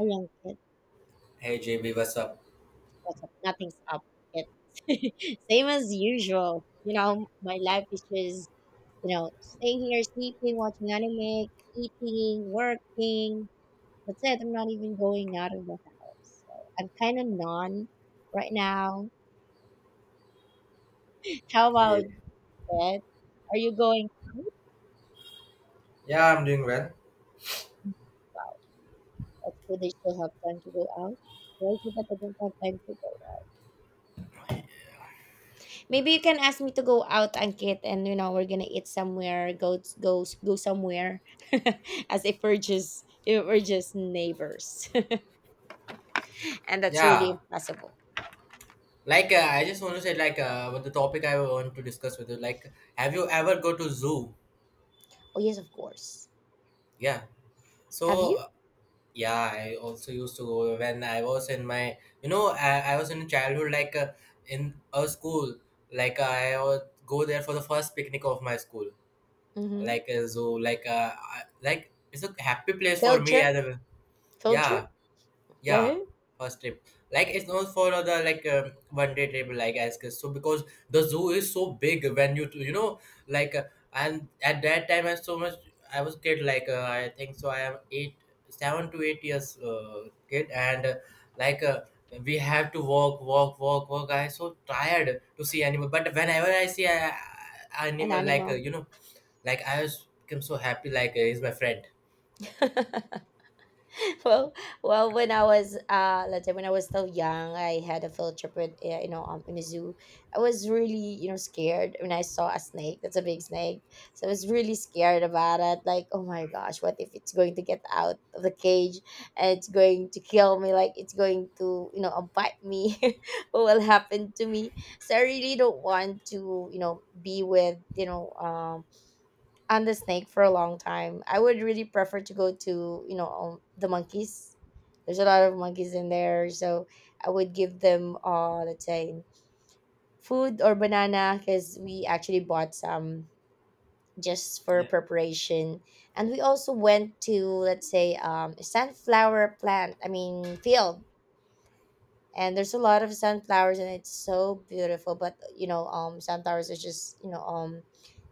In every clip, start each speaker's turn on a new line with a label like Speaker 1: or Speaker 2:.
Speaker 1: A young kid.
Speaker 2: Hey JB, what's up?
Speaker 1: What's up? Nothing's up, kid. Same as usual. My life is just, staying here, sleeping, watching anime, eating, working. That's it. I'm not even going out of the house. So I'm kind of non right now. How about
Speaker 2: Hey,
Speaker 1: it? Are you going out?
Speaker 2: yeah, I'm doing well.
Speaker 1: That's good. They still have time to go out. Why is it that I don't have time to go? Maybe you can ask me to go out, Ankit, and we're gonna eat somewhere, go somewhere, as if we're just neighbors, and that's really
Speaker 2: Yeah,
Speaker 1: impossible.
Speaker 2: like I just want to say, like, with the topic I want to discuss with you, like, have you ever go to zoo?
Speaker 1: Oh yes, of course.
Speaker 2: Yeah.
Speaker 1: Have
Speaker 2: So
Speaker 1: you?
Speaker 2: yeah, I also used to go when I was in my, you know, I was in childhood, like in a school, like I would go there for the first picnic of my school,
Speaker 1: Mm-hmm.
Speaker 2: like a zoo, like like it's a happy place for
Speaker 1: Field
Speaker 2: me
Speaker 1: trip,
Speaker 2: as a
Speaker 1: field
Speaker 2: yeah.
Speaker 1: trip. Go
Speaker 2: Yeah,
Speaker 1: ahead.
Speaker 2: first trip. Like it's known for the like one day trip, like as so because the zoo is so big when you know like and at that time I so much I was kid like I think so I am eight 7 to 8 years kid and like we have to walk walk walk walk. I so tired to see animal, but whenever I see a
Speaker 1: An
Speaker 2: animal like
Speaker 1: animal.
Speaker 2: you know like I was become so happy like is my friend.
Speaker 1: well, well, when I was let's say when I was still young, I had a field trip with in a zoo. I was really scared when I saw a snake. That's a big snake, so I was really scared about it. Like, oh my gosh, what if it's going to get out of the cage and it's going to kill me? Like, it's going to bite me. What will happen to me? So I really don't want to be with on the snake for a long time. I would really prefer to go to the monkeys. There's a lot of monkeys in there, so I would give them let's say food or banana because we actually bought some just for
Speaker 2: Yeah.
Speaker 1: preparation, and we also went to let's say a sunflower plant. I mean field. And there's a lot of sunflowers and it's so beautiful, but sunflowers are just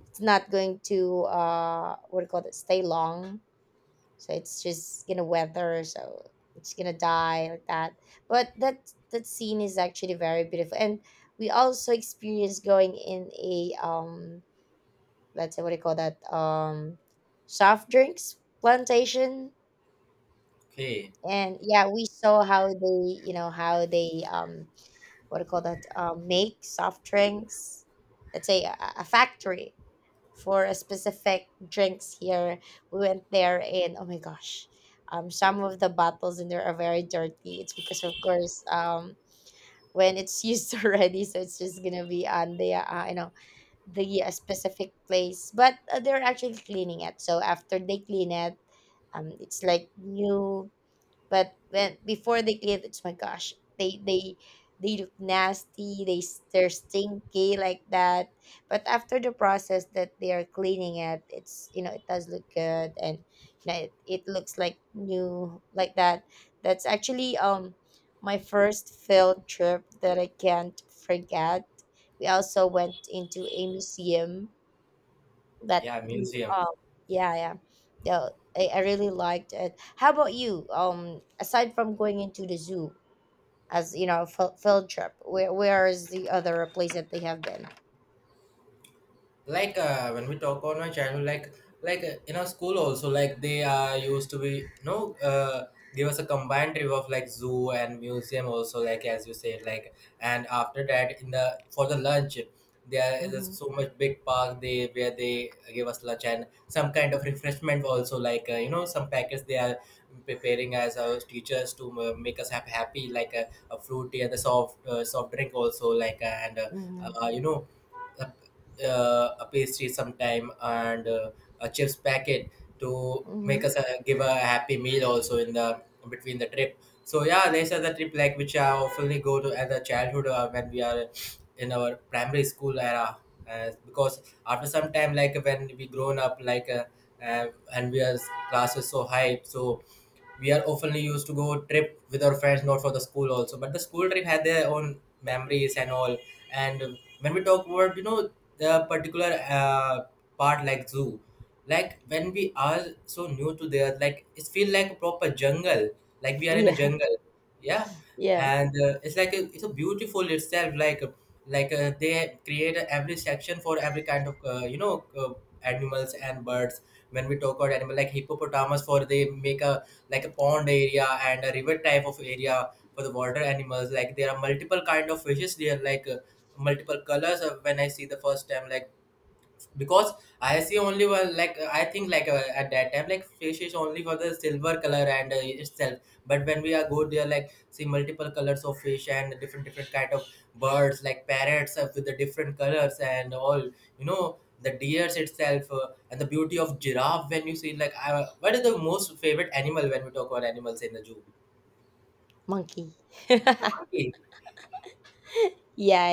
Speaker 1: it's not going to what do you call it, stay long, so it's just gonna weather, so it's gonna die like that, but that scene is actually very beautiful. And we also experience going in a let's say what do you call that, soft drinks plantation,
Speaker 2: Okay,
Speaker 1: and yeah, we saw how they, how they, what do you call that, make soft drinks. Let's say a factory for a specific drinks here. We went there and oh my gosh, some of the bottles in there are very dirty. It's because of course when it's used already, so it's just gonna be on the the specific place. But they're actually cleaning it. So after they clean it, it's like new, but when before they give, it's my gosh, they they look nasty, they're stinky like that. But after the process that they are cleaning it, it's, it does look good, and it looks like new like that. That's actually my first field trip that I can't forget. We also went into a museum that
Speaker 2: yeah,
Speaker 1: too.
Speaker 2: museum.
Speaker 1: Yeah, yeah. I really liked it. How about you? Aside from going into the zoo as you know, field trip, where is the other place that they have been?
Speaker 2: Like when we talk on my channel, like in our school also like they used to be you know give us a combined trip of like zoo and museum also like as you said like and after that in the for the lunch there is a
Speaker 1: Mm-hmm.
Speaker 2: so much big park they where they give us lunch and some kind of refreshment also like you know some packets they are preparing as our teachers to make us happy like a fruity and the soft drink also like and
Speaker 1: Mm-hmm.
Speaker 2: you know a pastry sometime and a chips packet to make
Speaker 1: Mm-hmm.
Speaker 2: us a, give a happy meal also in the between the trip. So yeah, these are the trip like which I often go to as a childhood when we are in our primary school era. Because after some time, like when we grown up, like uh, and we are classes so high, so we are often used to go trip with our friends not for the school also but the school trip had their own memories and all and when we talk about you know the particular part like zoo like when we are so new to there like it feel like a proper jungle like we are in a
Speaker 1: Yeah.
Speaker 2: jungle yeah
Speaker 1: Yeah.
Speaker 2: and it's like it's a beautiful itself like they create every section for every kind of you know animals and birds. When we talk about animal like hippopotamus for they make a like a pond area and a river type of area for the water animals like there are multiple kind of fishes there like multiple colors when I see the first time like because I see only one like I think like at that time like fish is only for the silver color and itself. But when we are go there like see multiple colors of fish and different different kind of birds like parrots with the different colors and all you know the deers itself and the beauty of giraffe when you see like what is the most favorite animal when we talk about animals in the zoo?
Speaker 1: Monkey. yeah,
Speaker 2: Monkey.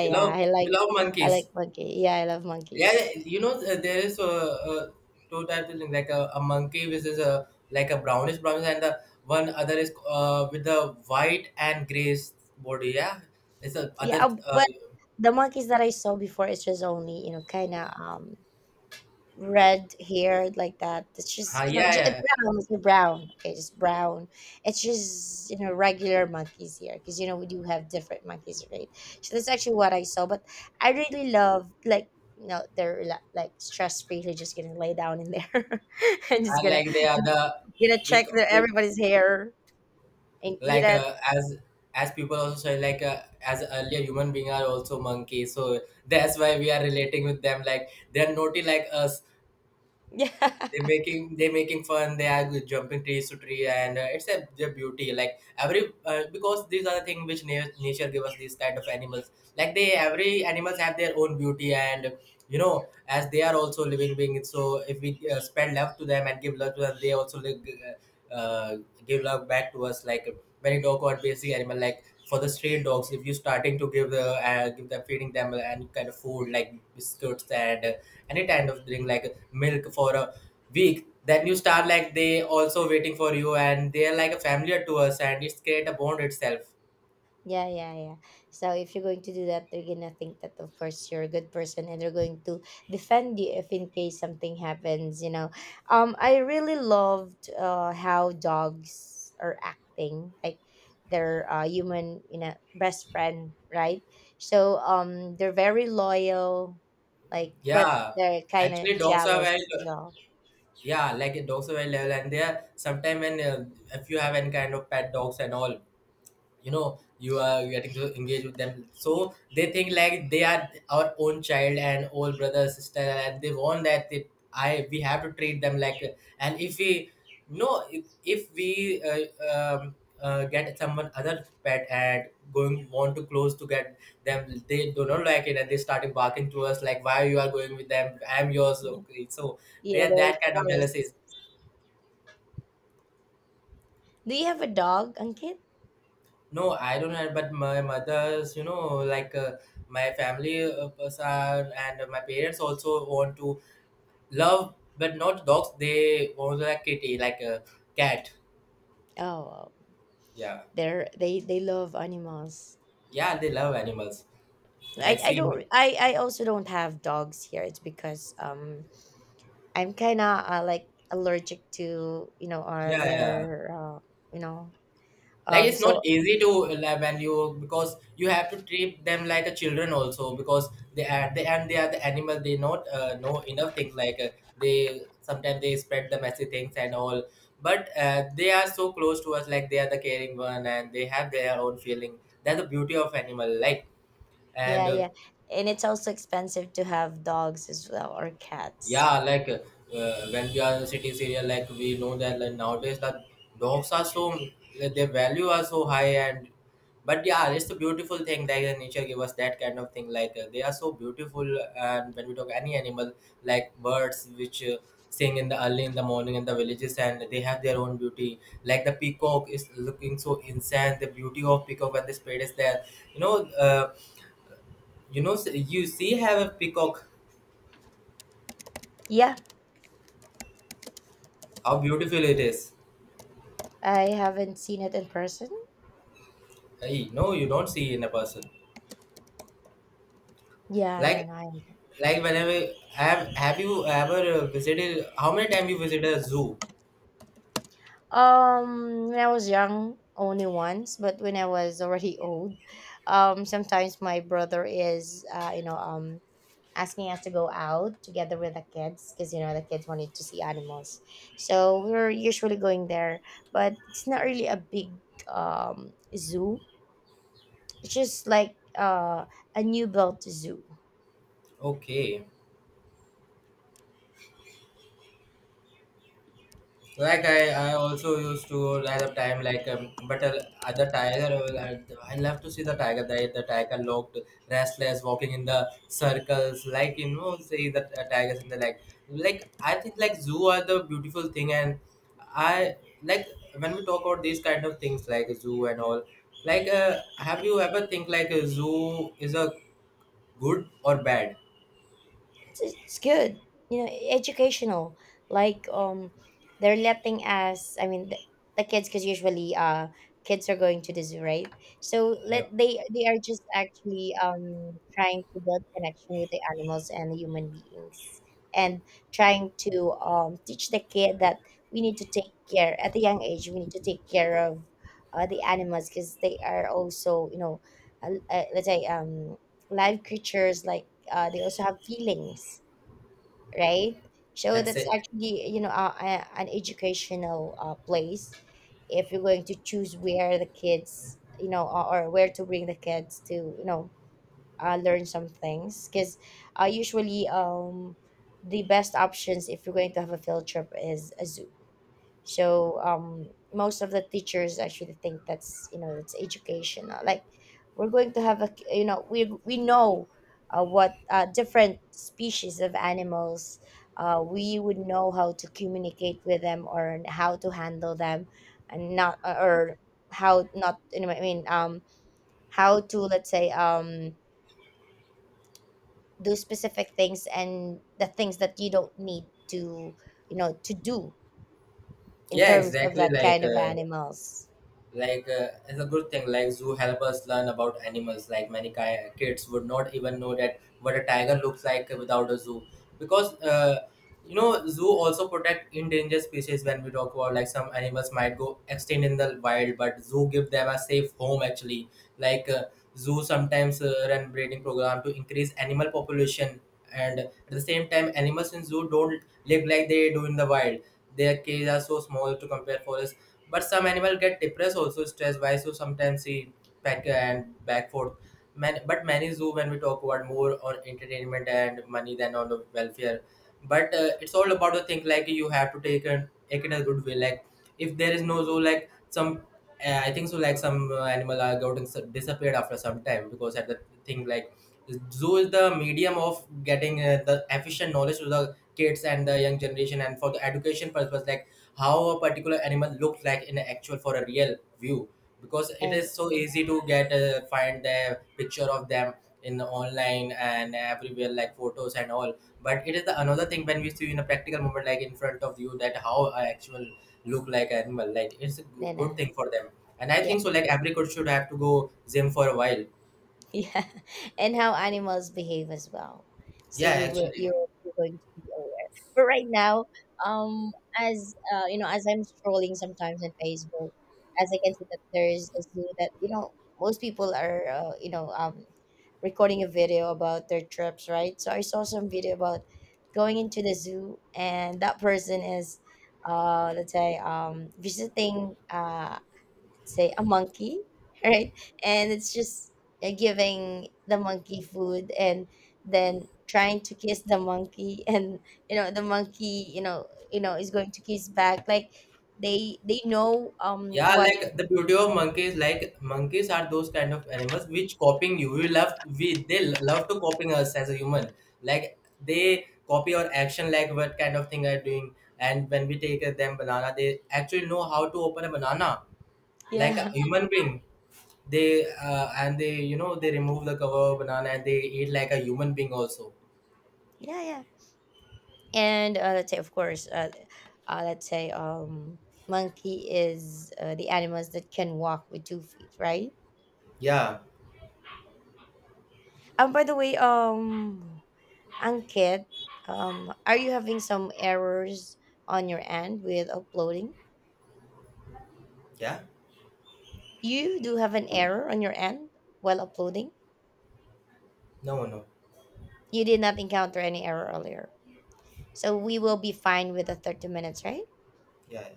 Speaker 2: You love,
Speaker 1: I
Speaker 2: you
Speaker 1: like.
Speaker 2: love
Speaker 1: I like
Speaker 2: monkeys.
Speaker 1: monkey. Yeah, I love
Speaker 2: Yeah,
Speaker 1: monkeys.
Speaker 2: you know, there is a two types of thing, like a monkey, which is a like a brownish, and the one other is with the white and grey body. Yeah, it's a
Speaker 1: Yeah,
Speaker 2: other.
Speaker 1: but the monkeys that I saw before, it's just only kind of red hair like that. It's just
Speaker 2: Yeah,
Speaker 1: just
Speaker 2: yeah,
Speaker 1: brown, it's a brown. Okay, just brown. It's just regular monkeys here because we do have different monkeys, right? So that's actually what I saw. But I really love, like, they're like stress free. They're just gonna lay down in there and just
Speaker 2: and
Speaker 1: gonna,
Speaker 2: like they
Speaker 1: you
Speaker 2: are
Speaker 1: know,
Speaker 2: the
Speaker 1: gonna
Speaker 2: we,
Speaker 1: check
Speaker 2: c-
Speaker 1: their
Speaker 2: we-
Speaker 1: everybody's hair and eat
Speaker 2: like
Speaker 1: it.
Speaker 2: as people also say like as earlier human being are also monkeys, so that's why we are relating with them. Like they are naughty like us,
Speaker 1: Yeah.
Speaker 2: they making fun they are jumping trees to tree and it's a the beauty like every because these are the thing which nature give us these kind of animals like they every animals have their own beauty and you know as they are also living beings so if we spend love to them and give love to them they also live, uh, uh, give love back to us like when you talk about basic animal like for the stray dogs if you starting to give the give them feeding them any kind of food like biscuits and any kind of drink like milk for a week. Then you start like they also waiting for you and they're like a familiar to us and it's create a bond itself.
Speaker 1: Yeah. So if you're going to do that, they're gonna think that of course you're a good person, and they're going to defend you if in case something happens, you know. Um, I really loved how dogs are acting, like they're human, best friend, right? So they're very loyal, like, but
Speaker 2: Yeah,
Speaker 1: they're kinda
Speaker 2: actually dogs are very
Speaker 1: jealous as well.
Speaker 2: yeah like dogs are very level and they are sometimes when if you have any kind of pet dogs and all you know you are getting to engage with them so they think like they are our own child and old brother sister and they want that they, I we have to treat them like and if we no if we um, get someone other pet and going want to close to get them they do not like it and they started barking to us like why you are going with them I'm yours,
Speaker 1: Yeah.
Speaker 2: okay? So they
Speaker 1: Yeah,
Speaker 2: are
Speaker 1: they're
Speaker 2: that kind of
Speaker 1: jealous.
Speaker 2: jealousy.
Speaker 1: Do you have a dog, Ankit?
Speaker 2: No, I don't have, but my mother's, you know, like my family person and my parents also want to love, but not dogs. They want like kitty, like a cat.
Speaker 1: Oh,
Speaker 2: Yeah,
Speaker 1: they they love animals.
Speaker 2: yeah, they love animals, like
Speaker 1: I
Speaker 2: see me.
Speaker 1: don't, I also don't have dogs here. It's because I'm kind of like allergic to
Speaker 2: Yeah, yeah.
Speaker 1: their you know
Speaker 2: Like it's not
Speaker 1: so,
Speaker 2: easy to like, when you because you have to treat them like a children also because they are they and they are the animal they not know enough things like they sometimes they spread the messy things and all but they are so close to us like they are the caring one and they have their own feeling that's the beauty of animal like and
Speaker 1: yeah, yeah. And it's also expensive to have dogs as well, or cats.
Speaker 2: Yeah, like when we are in cities area, like we know that like, nowadays the dogs are so like, their value are so high and but yeah, it's a beautiful thing that the nature give us that kind of thing. Like they are so beautiful, and when we talk any animal like birds, which sing in the early in the morning in the villages, and they have their own beauty. Like the peacock is looking so insane. The beauty of peacock when the spread is there. You know, you know, you see have a peacock,
Speaker 1: Yeah,
Speaker 2: how beautiful it is.
Speaker 1: I haven't seen it in person.
Speaker 2: Hey, no, you don't see in a person.
Speaker 1: Yeah,
Speaker 2: Like,
Speaker 1: no, I haven't.
Speaker 2: like whenever have you ever visited? How many times you visited a zoo?
Speaker 1: When I was young, only once, but when I was already old, sometimes my brother is, asking us to go out together with the kids because the kids wanted to see animals, so we were usually going there, but it's not really a big zoo. It's just like a new built zoo.
Speaker 2: Okay. Like I also used to at a time like but at the tiger like, I love to see the tiger looked restless walking in the circles like you know see the tigers in the like I think like zoo are the beautiful thing and I like when we talk about these kind of things like zoo and all like have you ever think like a zoo is a good or bad
Speaker 1: It's good, you know, educational, like, they're letting us, I mean the kids, because usually kids are going to the zoo, right? So
Speaker 2: you know
Speaker 1: let they are just actually trying to build connection with the animals and the human beings, and trying to teach the kid that we need to take care. At a young age, we need to take care of the animals because they are also, let's say, live creatures, like they also have feelings, right? So that's
Speaker 2: exa-
Speaker 1: actually, an educational place if you're going to choose where the kids, or where to bring the kids to, learn some things, because usually the best options, if you're going to have a field trip, is a so most of the teachers actually think that's, that's educational. Like, we're going to have a, we know what different species of animals. We would know how to communicate with them or how to handle them, and not or how not, how to, let's say, do specific things and the things that you don't need to, to do in
Speaker 2: yeah
Speaker 1: terms of
Speaker 2: exactly
Speaker 1: that kind of animals.
Speaker 2: like it's a good thing like zoo help us learn about animals like many kids would not even know that what a tiger looks like without a zoo because you know zoo also protect endangered species when we talk about like some animals might go extinct in the wild but zoo give them a safe home actually like zoo sometimes run breeding program to increase animal population and at the same time animals in zoo don't live like they do in the wild their cages are so small to compare forest but some animal get depressed also stressed wise. So sometimes see back and back forth. Man, but many zoo when we talk about more on entertainment and money than on the welfare but it's all about the thing like you have to take and take it a good way like if there is no zoo like some I think so like some animal are got disappeared after some time because at the thing like zoo is the medium of getting the efficient knowledge to the kids and the young generation and for the education purpose like how a particular animal looks like in actual for a real view because it
Speaker 1: And
Speaker 2: is so easy to get find the picture of them in online and everywhere like photos and all but it is the another thing when we see in a practical moment, like in front of you, that how a actual look like animal. Like it's a
Speaker 1: then,
Speaker 2: good thing for them, and I
Speaker 1: yeah,
Speaker 2: think so. Like every kid should have to go gym for a while.
Speaker 1: yeah, and how animals behave as well. So
Speaker 2: Yeah, actually.
Speaker 1: you're going to be aware. But right now, um, as as I'm scrolling sometimes on Facebook, as I can see that there's a zoo that, most people are recording a video about their trips, right? So I saw some video about going into the zoo, and that person is let's say visiting say a monkey, right? And it's just giving the monkey food and then trying to kiss the monkey, and the monkey, is going to kiss back, like they know
Speaker 2: Yeah,
Speaker 1: what.
Speaker 2: like the beauty of monkeys, like monkeys are those kind of animals which copying you. We they love to copying us as a human. Like they copy our action, like what kind of thing are doing. And when we take them banana, they actually know how to open a banana. Like a
Speaker 1: Yeah,
Speaker 2: human being, they and they, you know, they remove the cover banana and they eat like a human being also.
Speaker 1: yeah. And let's say, of course, let's say, monkey is the animals that can walk with 2 feet, right?
Speaker 2: Yeah,
Speaker 1: Um, by the way, um, Ankit, are you having some errors on your end with uploading?
Speaker 2: yeah,
Speaker 1: You do have an error on your end while uploading.
Speaker 2: no, no,
Speaker 1: You did not encounter any error earlier. So we will be fine with the 30 minutes, right?
Speaker 2: yeah.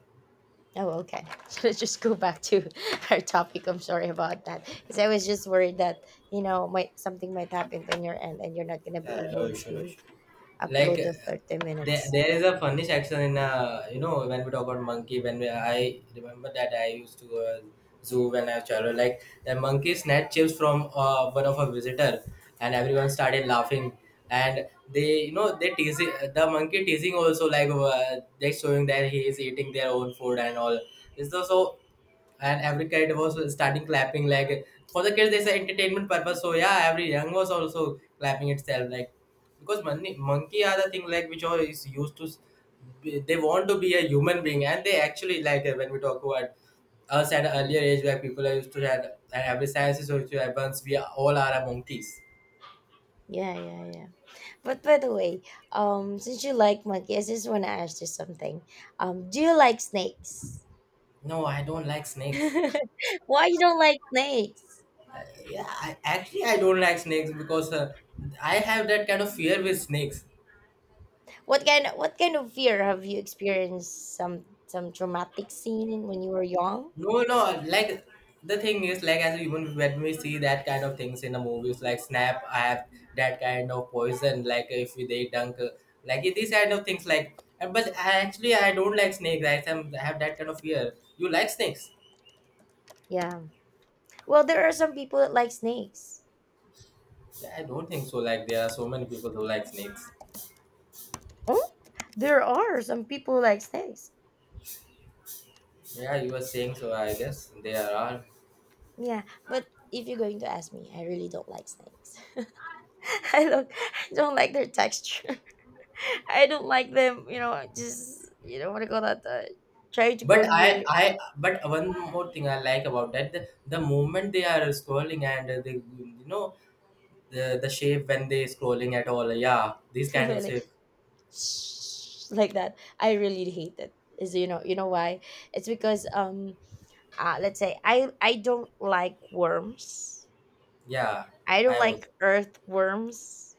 Speaker 1: Oh, okay. So let's just go back to our topic. I'm sorry about that. Because I was just worried that, might something might happen on your end and you're not going to
Speaker 2: Yeah,
Speaker 1: be
Speaker 2: no
Speaker 1: able
Speaker 2: issue, no
Speaker 1: to
Speaker 2: issue. Like
Speaker 1: upload the 30
Speaker 2: there,
Speaker 1: minutes.
Speaker 2: there is a funny section in you know, when we talk about monkey. I remember that I used to go zoo when I was child. Like the monkey snatched chips from one of a visitor, and everyone started laughing. And they, you know, they teasing the monkey teasing also like they showing that he is eating their own food and all. It's so so, and every kid was starting clapping, like for the kids there's an entertainment purpose. So yeah, every young was also clapping itself like, because monkey are the thing like which all is used to they want to be a human being. And they actually like, when we talk about us at an earlier age where people are used to that and every science is used to happens, we are, all are a monkeys.
Speaker 1: Yeah, yeah. But by the way, since you like monkey, I just want to ask you something. Do you like snakes?
Speaker 2: No, I don't like snakes.
Speaker 1: Why you don't like snakes?
Speaker 2: Yeah, actually I don't like snakes because I have that kind of fear with snakes.
Speaker 1: What kind of fear have you experienced? Some traumatic scene when you were young?
Speaker 2: No, no, like the thing is, like as even when we see that kind of things in the movies, like Snap, I have that kind of poison. Like if they dunk, like these kind of things. Like, but I actually I don't like snakes. I have that kind of fear. You like snakes?
Speaker 1: Yeah. Well, there are some people that like snakes.
Speaker 2: Yeah, I don't think so. Like there are so many people who like snakes.
Speaker 1: Hmm? There are some people who like snakes.
Speaker 2: Yeah, you were saying so. I guess there are.
Speaker 1: Yeah, but if you're going to ask me, I really don't like snakes. I look, I don't like their texture. I don't like them. You know, I just, you know, what I call that. Try to go
Speaker 2: But
Speaker 1: near
Speaker 2: but one more thing I like about that, the moment they are scrolling and they, you know, the shape when they scrolling at all. Yeah, these kind of
Speaker 1: like
Speaker 2: shape.
Speaker 1: shh, like that. I really hate it. Is, you know, you know why? It's because let's say I don't like worms.
Speaker 2: Yeah,
Speaker 1: I don't
Speaker 2: I
Speaker 1: like
Speaker 2: also.
Speaker 1: earthworms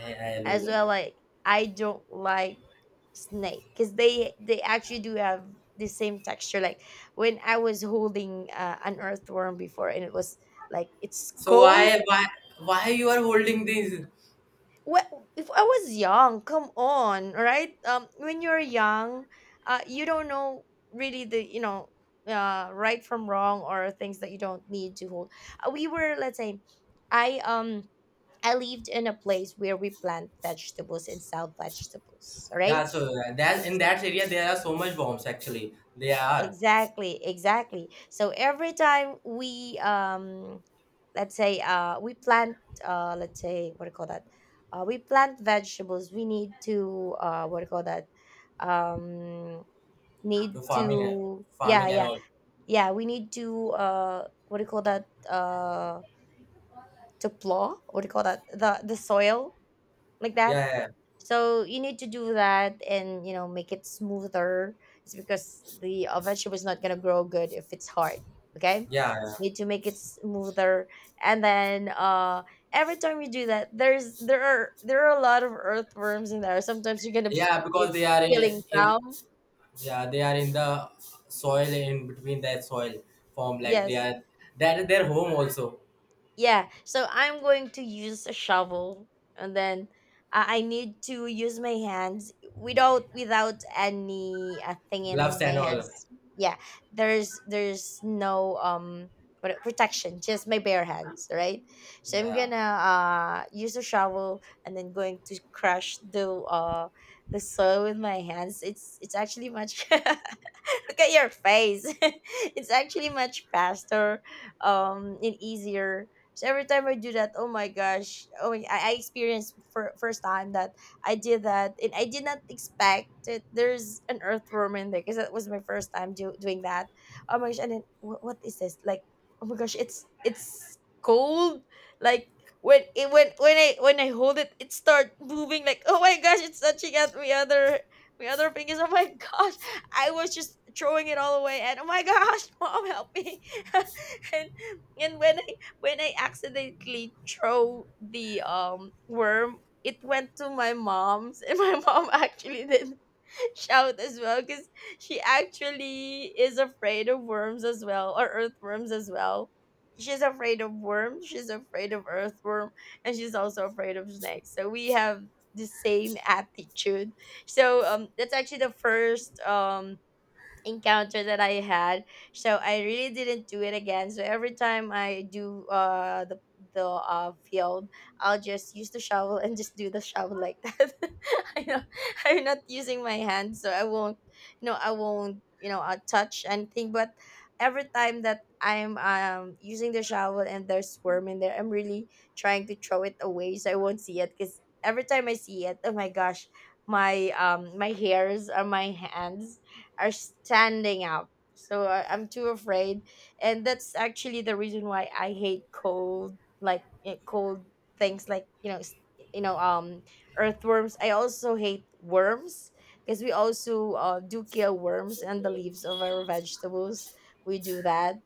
Speaker 2: I
Speaker 1: as
Speaker 2: know.
Speaker 1: well. Like, I don't like snake because they actually do have the same texture. Like, when I was holding an earthworm before, and it was like, its
Speaker 2: So
Speaker 1: cold.
Speaker 2: why why why you are holding these?
Speaker 1: Well, if I was young, come on, right? When you're young, you don't know really the right from wrong, or things that you don't need to hold. We were, let's say, i um I lived in a place where we plant vegetables and sell vegetables, all
Speaker 2: Yeah,
Speaker 1: right?
Speaker 2: so that in that area there are so much bombs actually. They are
Speaker 1: Exactly, exactly, so every time we, let's say, we plant, let's say, what do you call that, we plant vegetables, we need to, what do you call that, um need
Speaker 2: the farming
Speaker 1: to. Yeah,
Speaker 2: farming and
Speaker 1: yeah.
Speaker 2: all.
Speaker 1: Yeah, we need to, what do you call that, to plow, what do you call that, the soil, like
Speaker 2: Yeah,
Speaker 1: that.
Speaker 2: yeah,
Speaker 1: So you need to do that, and make it smoother. It's because the vegetable is not gonna grow good if it's hard. Okay,
Speaker 2: yeah, yeah.
Speaker 1: need to make it smoother, and then, every time you do that, there are a lot of earthworms in there. Sometimes you're gonna be
Speaker 2: Yeah,
Speaker 1: you're
Speaker 2: because they are
Speaker 1: killing
Speaker 2: in,
Speaker 1: some.
Speaker 2: yeah they are in the soil, in between that soil form, like they
Speaker 1: Yes.
Speaker 2: are that is their home also.
Speaker 1: Yeah, so I'm going to use a shovel, and then I need to use my hands without any thing
Speaker 2: Gloves
Speaker 1: in my
Speaker 2: and all.
Speaker 1: hands. Yeah, there's no protection, just my bare hands, right? So I'm
Speaker 2: Yeah.
Speaker 1: gonna use a shovel and then going to crush the soil with my hands. It's actually much look at your face. It's actually much faster, and easier. So every time I do that, oh my gosh, I experienced for first time that I did that, and I did not expect that there's an earthworm in there because that was my first time doing that. Oh my gosh, and then what is this? Like, oh my gosh, it's cold. Like, when it when I hold it, it start moving. Like, oh my gosh, it's touching at my other fingers. Oh my gosh, I was just throwing it all away, and oh my gosh, mom, help me. and and when I accidentally throw the worm, it went to my mom's, and my mom actually did shout as well, because she actually is afraid of worms as well, or earthworms as well. She's afraid of worms. She's afraid of earthworm, and she's also afraid of snakes. So we have the same attitude. So, that's actually the first encounter that I had. So I really didn't do it again. So every time I do the field, I'll just use the shovel and just do the shovel, like that. I know I'm not using my hand, so I won't no, I won't, touch anything. But every time that I'm using the shovel and there's worm in there, I'm really trying to throw it away so I won't see it, because every time I see it, oh my gosh, my hairs or my hands are standing out. So I'm too afraid, and that's actually the reason why I hate cold, like, cold things, like, you know, um, earthworms. I also hate worms because we also do kill worms and the leaves of our vegetables. We do that,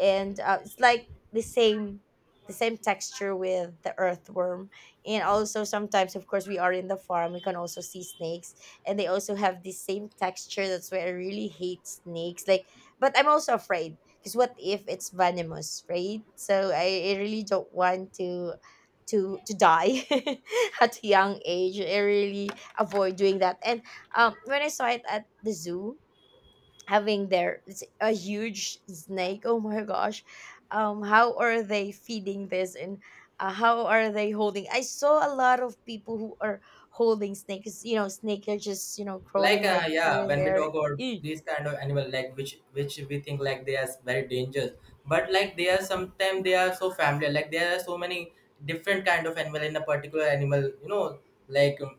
Speaker 1: and, it's like the same, texture with the earthworm, and also, sometimes, of course, we are in the farm, we can also see snakes, and they also have the same texture. That's why I really hate snakes. Like, but I'm also afraid because what if it's venomous, right? So I really don't want to die at a young age. I really avoid doing that. And when I saw it at the zoo, having their a huge snake, oh my gosh, how are they feeding this? And how are they holding? I saw a lot of people who are holding snakes, snake are just, crawling,
Speaker 2: Like
Speaker 1: like, here
Speaker 2: yeah,
Speaker 1: and
Speaker 2: when we
Speaker 1: there.
Speaker 2: talk about
Speaker 1: Ew.
Speaker 2: these kind of animal, like which we think like they are very dangerous, but like they are sometimes they are so familiar, like there are so many different kind of animal in a particular animal, you know, like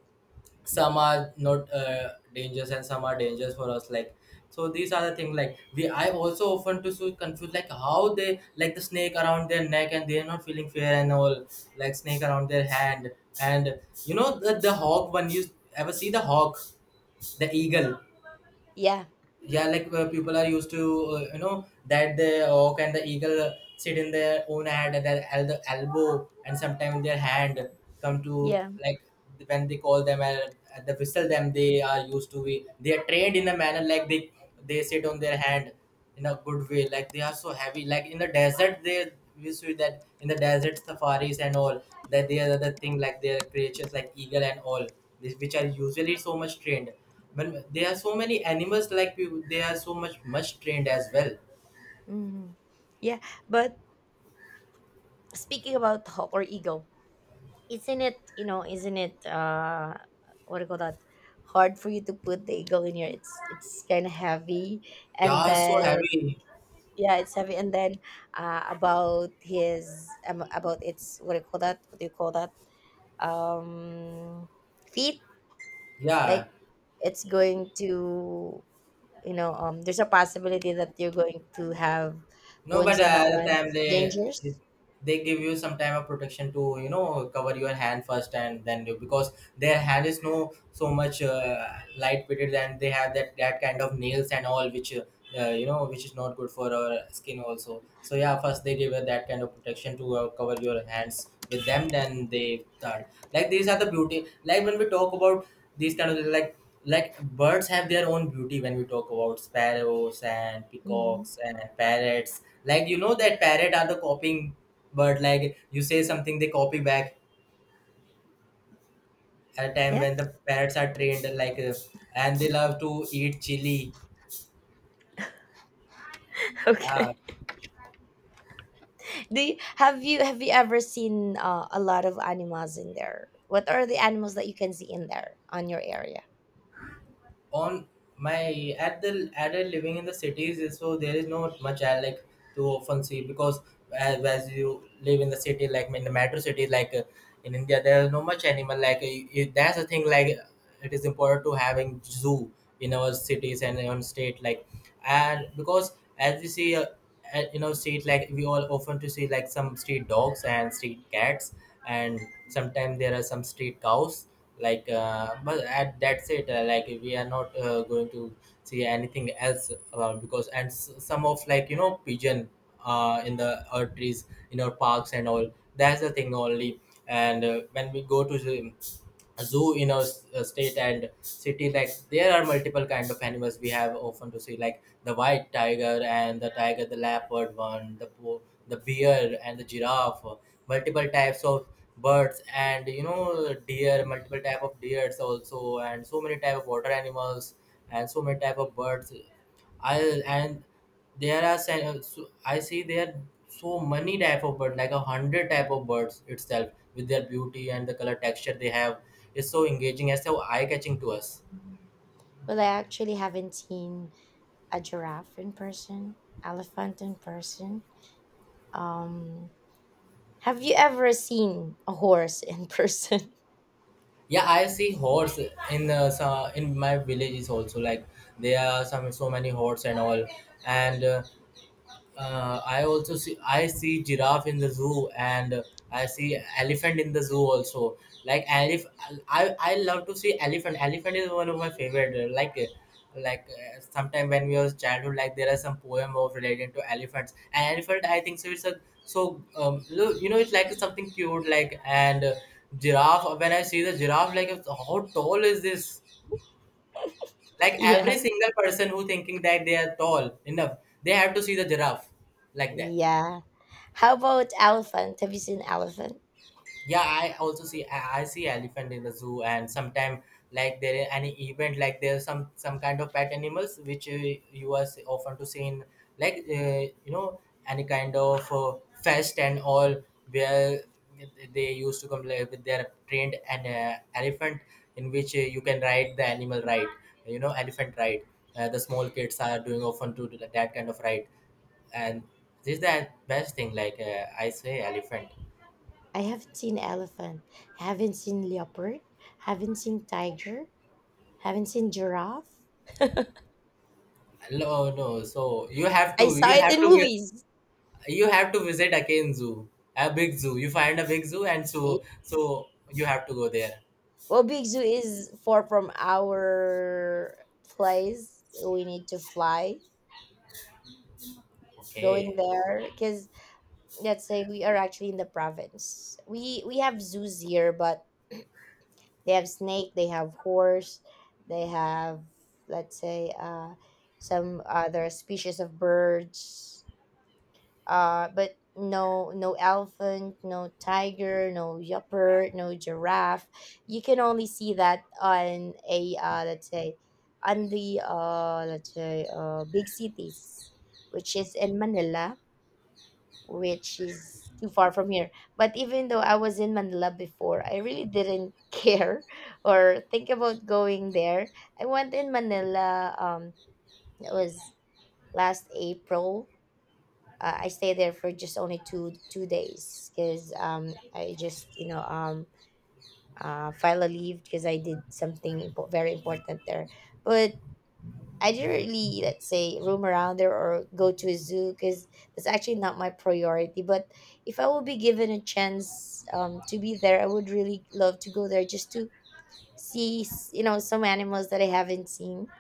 Speaker 2: some are not dangerous and some are dangerous for us like, so these are the things like we, I also often to so confused like how they, like the snake around their neck and they are not feeling fear and all, like snake around their hand. And you know, the hawk one, you ever see the hawk, the eagle.
Speaker 1: Yeah,
Speaker 2: Yeah, like people are used to you know, that the hawk and the eagle sit in their own hand and their elbow and sometimes their hand come to
Speaker 1: yeah.
Speaker 2: like, when they call them and at the whistle them, they are used to be, they are trained in a manner like they sit on their hand in a good way, like they are so heavy, like in the desert they, we see that in the desert safaris and all, that they are the thing like they are creatures like eagle and all, this which are usually so much trained. But there are so many animals like they are so much much trained as well.
Speaker 1: Hmm. Yeah, but speaking about hawk or eagle, isn't it, what do you call that, hard for you to put the eagle in here? It's kind of heavy, and
Speaker 2: Yeah, it's so
Speaker 1: then,
Speaker 2: heavy.
Speaker 1: Yeah, it's heavy. And then, about his, about its, what do you call that? What do you call that? Um, Feet.
Speaker 2: Yeah.
Speaker 1: Like, it's going to, There's a possibility that you're going to have
Speaker 2: No, but
Speaker 1: wounds on that
Speaker 2: at the
Speaker 1: one.
Speaker 2: time
Speaker 1: It's
Speaker 2: they
Speaker 1: dangerous.
Speaker 2: they give you some time of protection to, you know, cover your hand first, and then you, because their hand is no so much light weighted, and they have that kind of nails and all, which you know, which is not good for our skin also. So yeah, first they give you that kind of protection to cover your hands with them. Then they start like these are the beauty like when we talk about these kind of like birds have their own beauty when we talk about sparrows and
Speaker 1: Hmm.
Speaker 2: peacocks and parrots, like you know that parrot are the copying bird, like you say something they copy back at a time
Speaker 1: Yeah.
Speaker 2: when the parrots are trained like, and they love to eat chili. Ah,
Speaker 1: Okay. Have you ever seen a lot of animals in there? What are the animals that you can see in there on your area?
Speaker 2: on my at the added living in the cities so there is not much I like to often see because as you live in the city, like in the metro city like in India there is no much animal like it, that's a thing like, it is important to having zoo in our cities and on state like, and because as we see at, you know, street, like we all often to see like some street dogs and street cats, and sometimes there are some street cows like but at that's it like we are not going to see anything else because, and some of like you know pigeon in the our trees, in our parks and all, that's the thing only. And when we go to the zoo in our state and city, like there are multiple kind of animals we have often to see, like the white tiger and the tiger, the leopard one, the the bear and the giraffe, multiple types of birds, and you know, deer, multiple type of deers also, and so many type of water animals, and so many type of birds. I and There are so I see there so many type of birds, like a hundred type of birds itself, with their beauty and the color texture they have is so engaging and so eye catching to us.
Speaker 1: Well, I actually haven't seen a giraffe in person, elephant in person. Um, have you ever seen a horse in person?
Speaker 2: Yeah, I see horse in in my villages also, like there are some so many horse and all. And uh, I also see, I see giraffe in the zoo, and I see elephant in the zoo also. Like I love to see elephant. Elephant is one of my favorite. Like sometime when we was childhood, like there are some poem of related to elephants. And elephant, I think so, it's a so you know, it's like something cute like. And giraffe, when I see the giraffe, like how tall is this? Like every
Speaker 1: Yeah.
Speaker 2: single person who thinking that they are tall enough, they have to see the giraffe, like that.
Speaker 1: Yeah. How about elephant? Have you seen elephant?
Speaker 2: Yeah, I also see, I see elephant in the zoo, and sometimes like there are any event like there's some kind of pet animals which you are often to see in, like you know, any kind of fest and all, where they used to come like, with their trained and elephant, in which you can ride the animal ride, you know, elephant ride, the small kids are doing often to do that kind of ride. And this is the best thing, like I say elephant.
Speaker 1: I haven't seen elephant, haven't seen leopard, haven't seen tiger, haven't seen giraffe.
Speaker 2: No, no. So
Speaker 1: I saw
Speaker 2: you
Speaker 1: it
Speaker 2: have
Speaker 1: in
Speaker 2: to,
Speaker 1: movies.
Speaker 2: you have to visit again zoo, a big zoo. You find a big zoo, and
Speaker 1: It,
Speaker 2: so you have to go there.
Speaker 1: well, big zoo is far from our place. We need to fly going
Speaker 2: Okay.
Speaker 1: there, because let's say we are actually in the province. We have zoos here, but they have snake, they have horse, they have, let's say, some other species of birds, but no, no elephant, no tiger, no leopard, no giraffe. You can only see that on a, let's say, on the, let's say, big cities, which is in Manila, which is too far from here. But even though I was in Manila before, I really didn't care or think about going there. I went in Manila, it was last April. I stay there for just only two days, because, I just, file a leave because I did something very important there. But I didn't really, let's say, roam around there or go to a zoo, because that's actually not my priority. But if I would be given a chance, to be there, I would really love to go there, just to see, some animals that I haven't seen,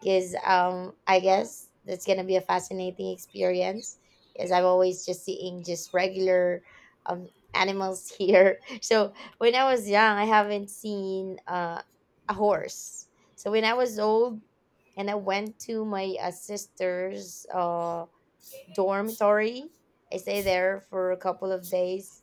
Speaker 1: because, I guess that's gonna be a fascinating experience. Because I'm always just seeing just regular, um, animals here. So when I was young, I haven't seen a horse. So when I was old, and I went to my sister's dormitory, I stayed there for a couple of days.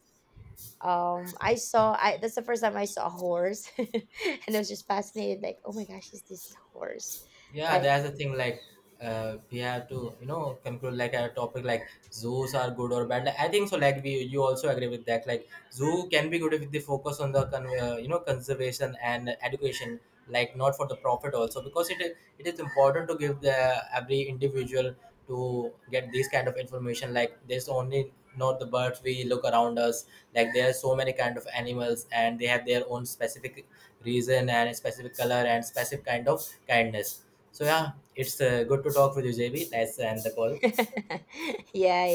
Speaker 1: I saw. I That's the first time I saw a horse, and I was just fascinated. Like, oh my gosh, is this a horse?
Speaker 2: Yeah,
Speaker 1: Like,
Speaker 2: that's the thing like we have to, you know, conclude like a topic like zoos are good or bad. Like, I think so, like we, you also agree with that, like zoo can be good if they focus on the you know, conservation and education, like not for the profit also, because it is important to give the every individual to get this kind of information. Like there's only not the birds we look around us, like there are so many kind of animals, and they have their own specific reason and specific color and specific kind of kindness. So yeah, it's good to talk with you, JB. Let's end the call.
Speaker 1: yeah,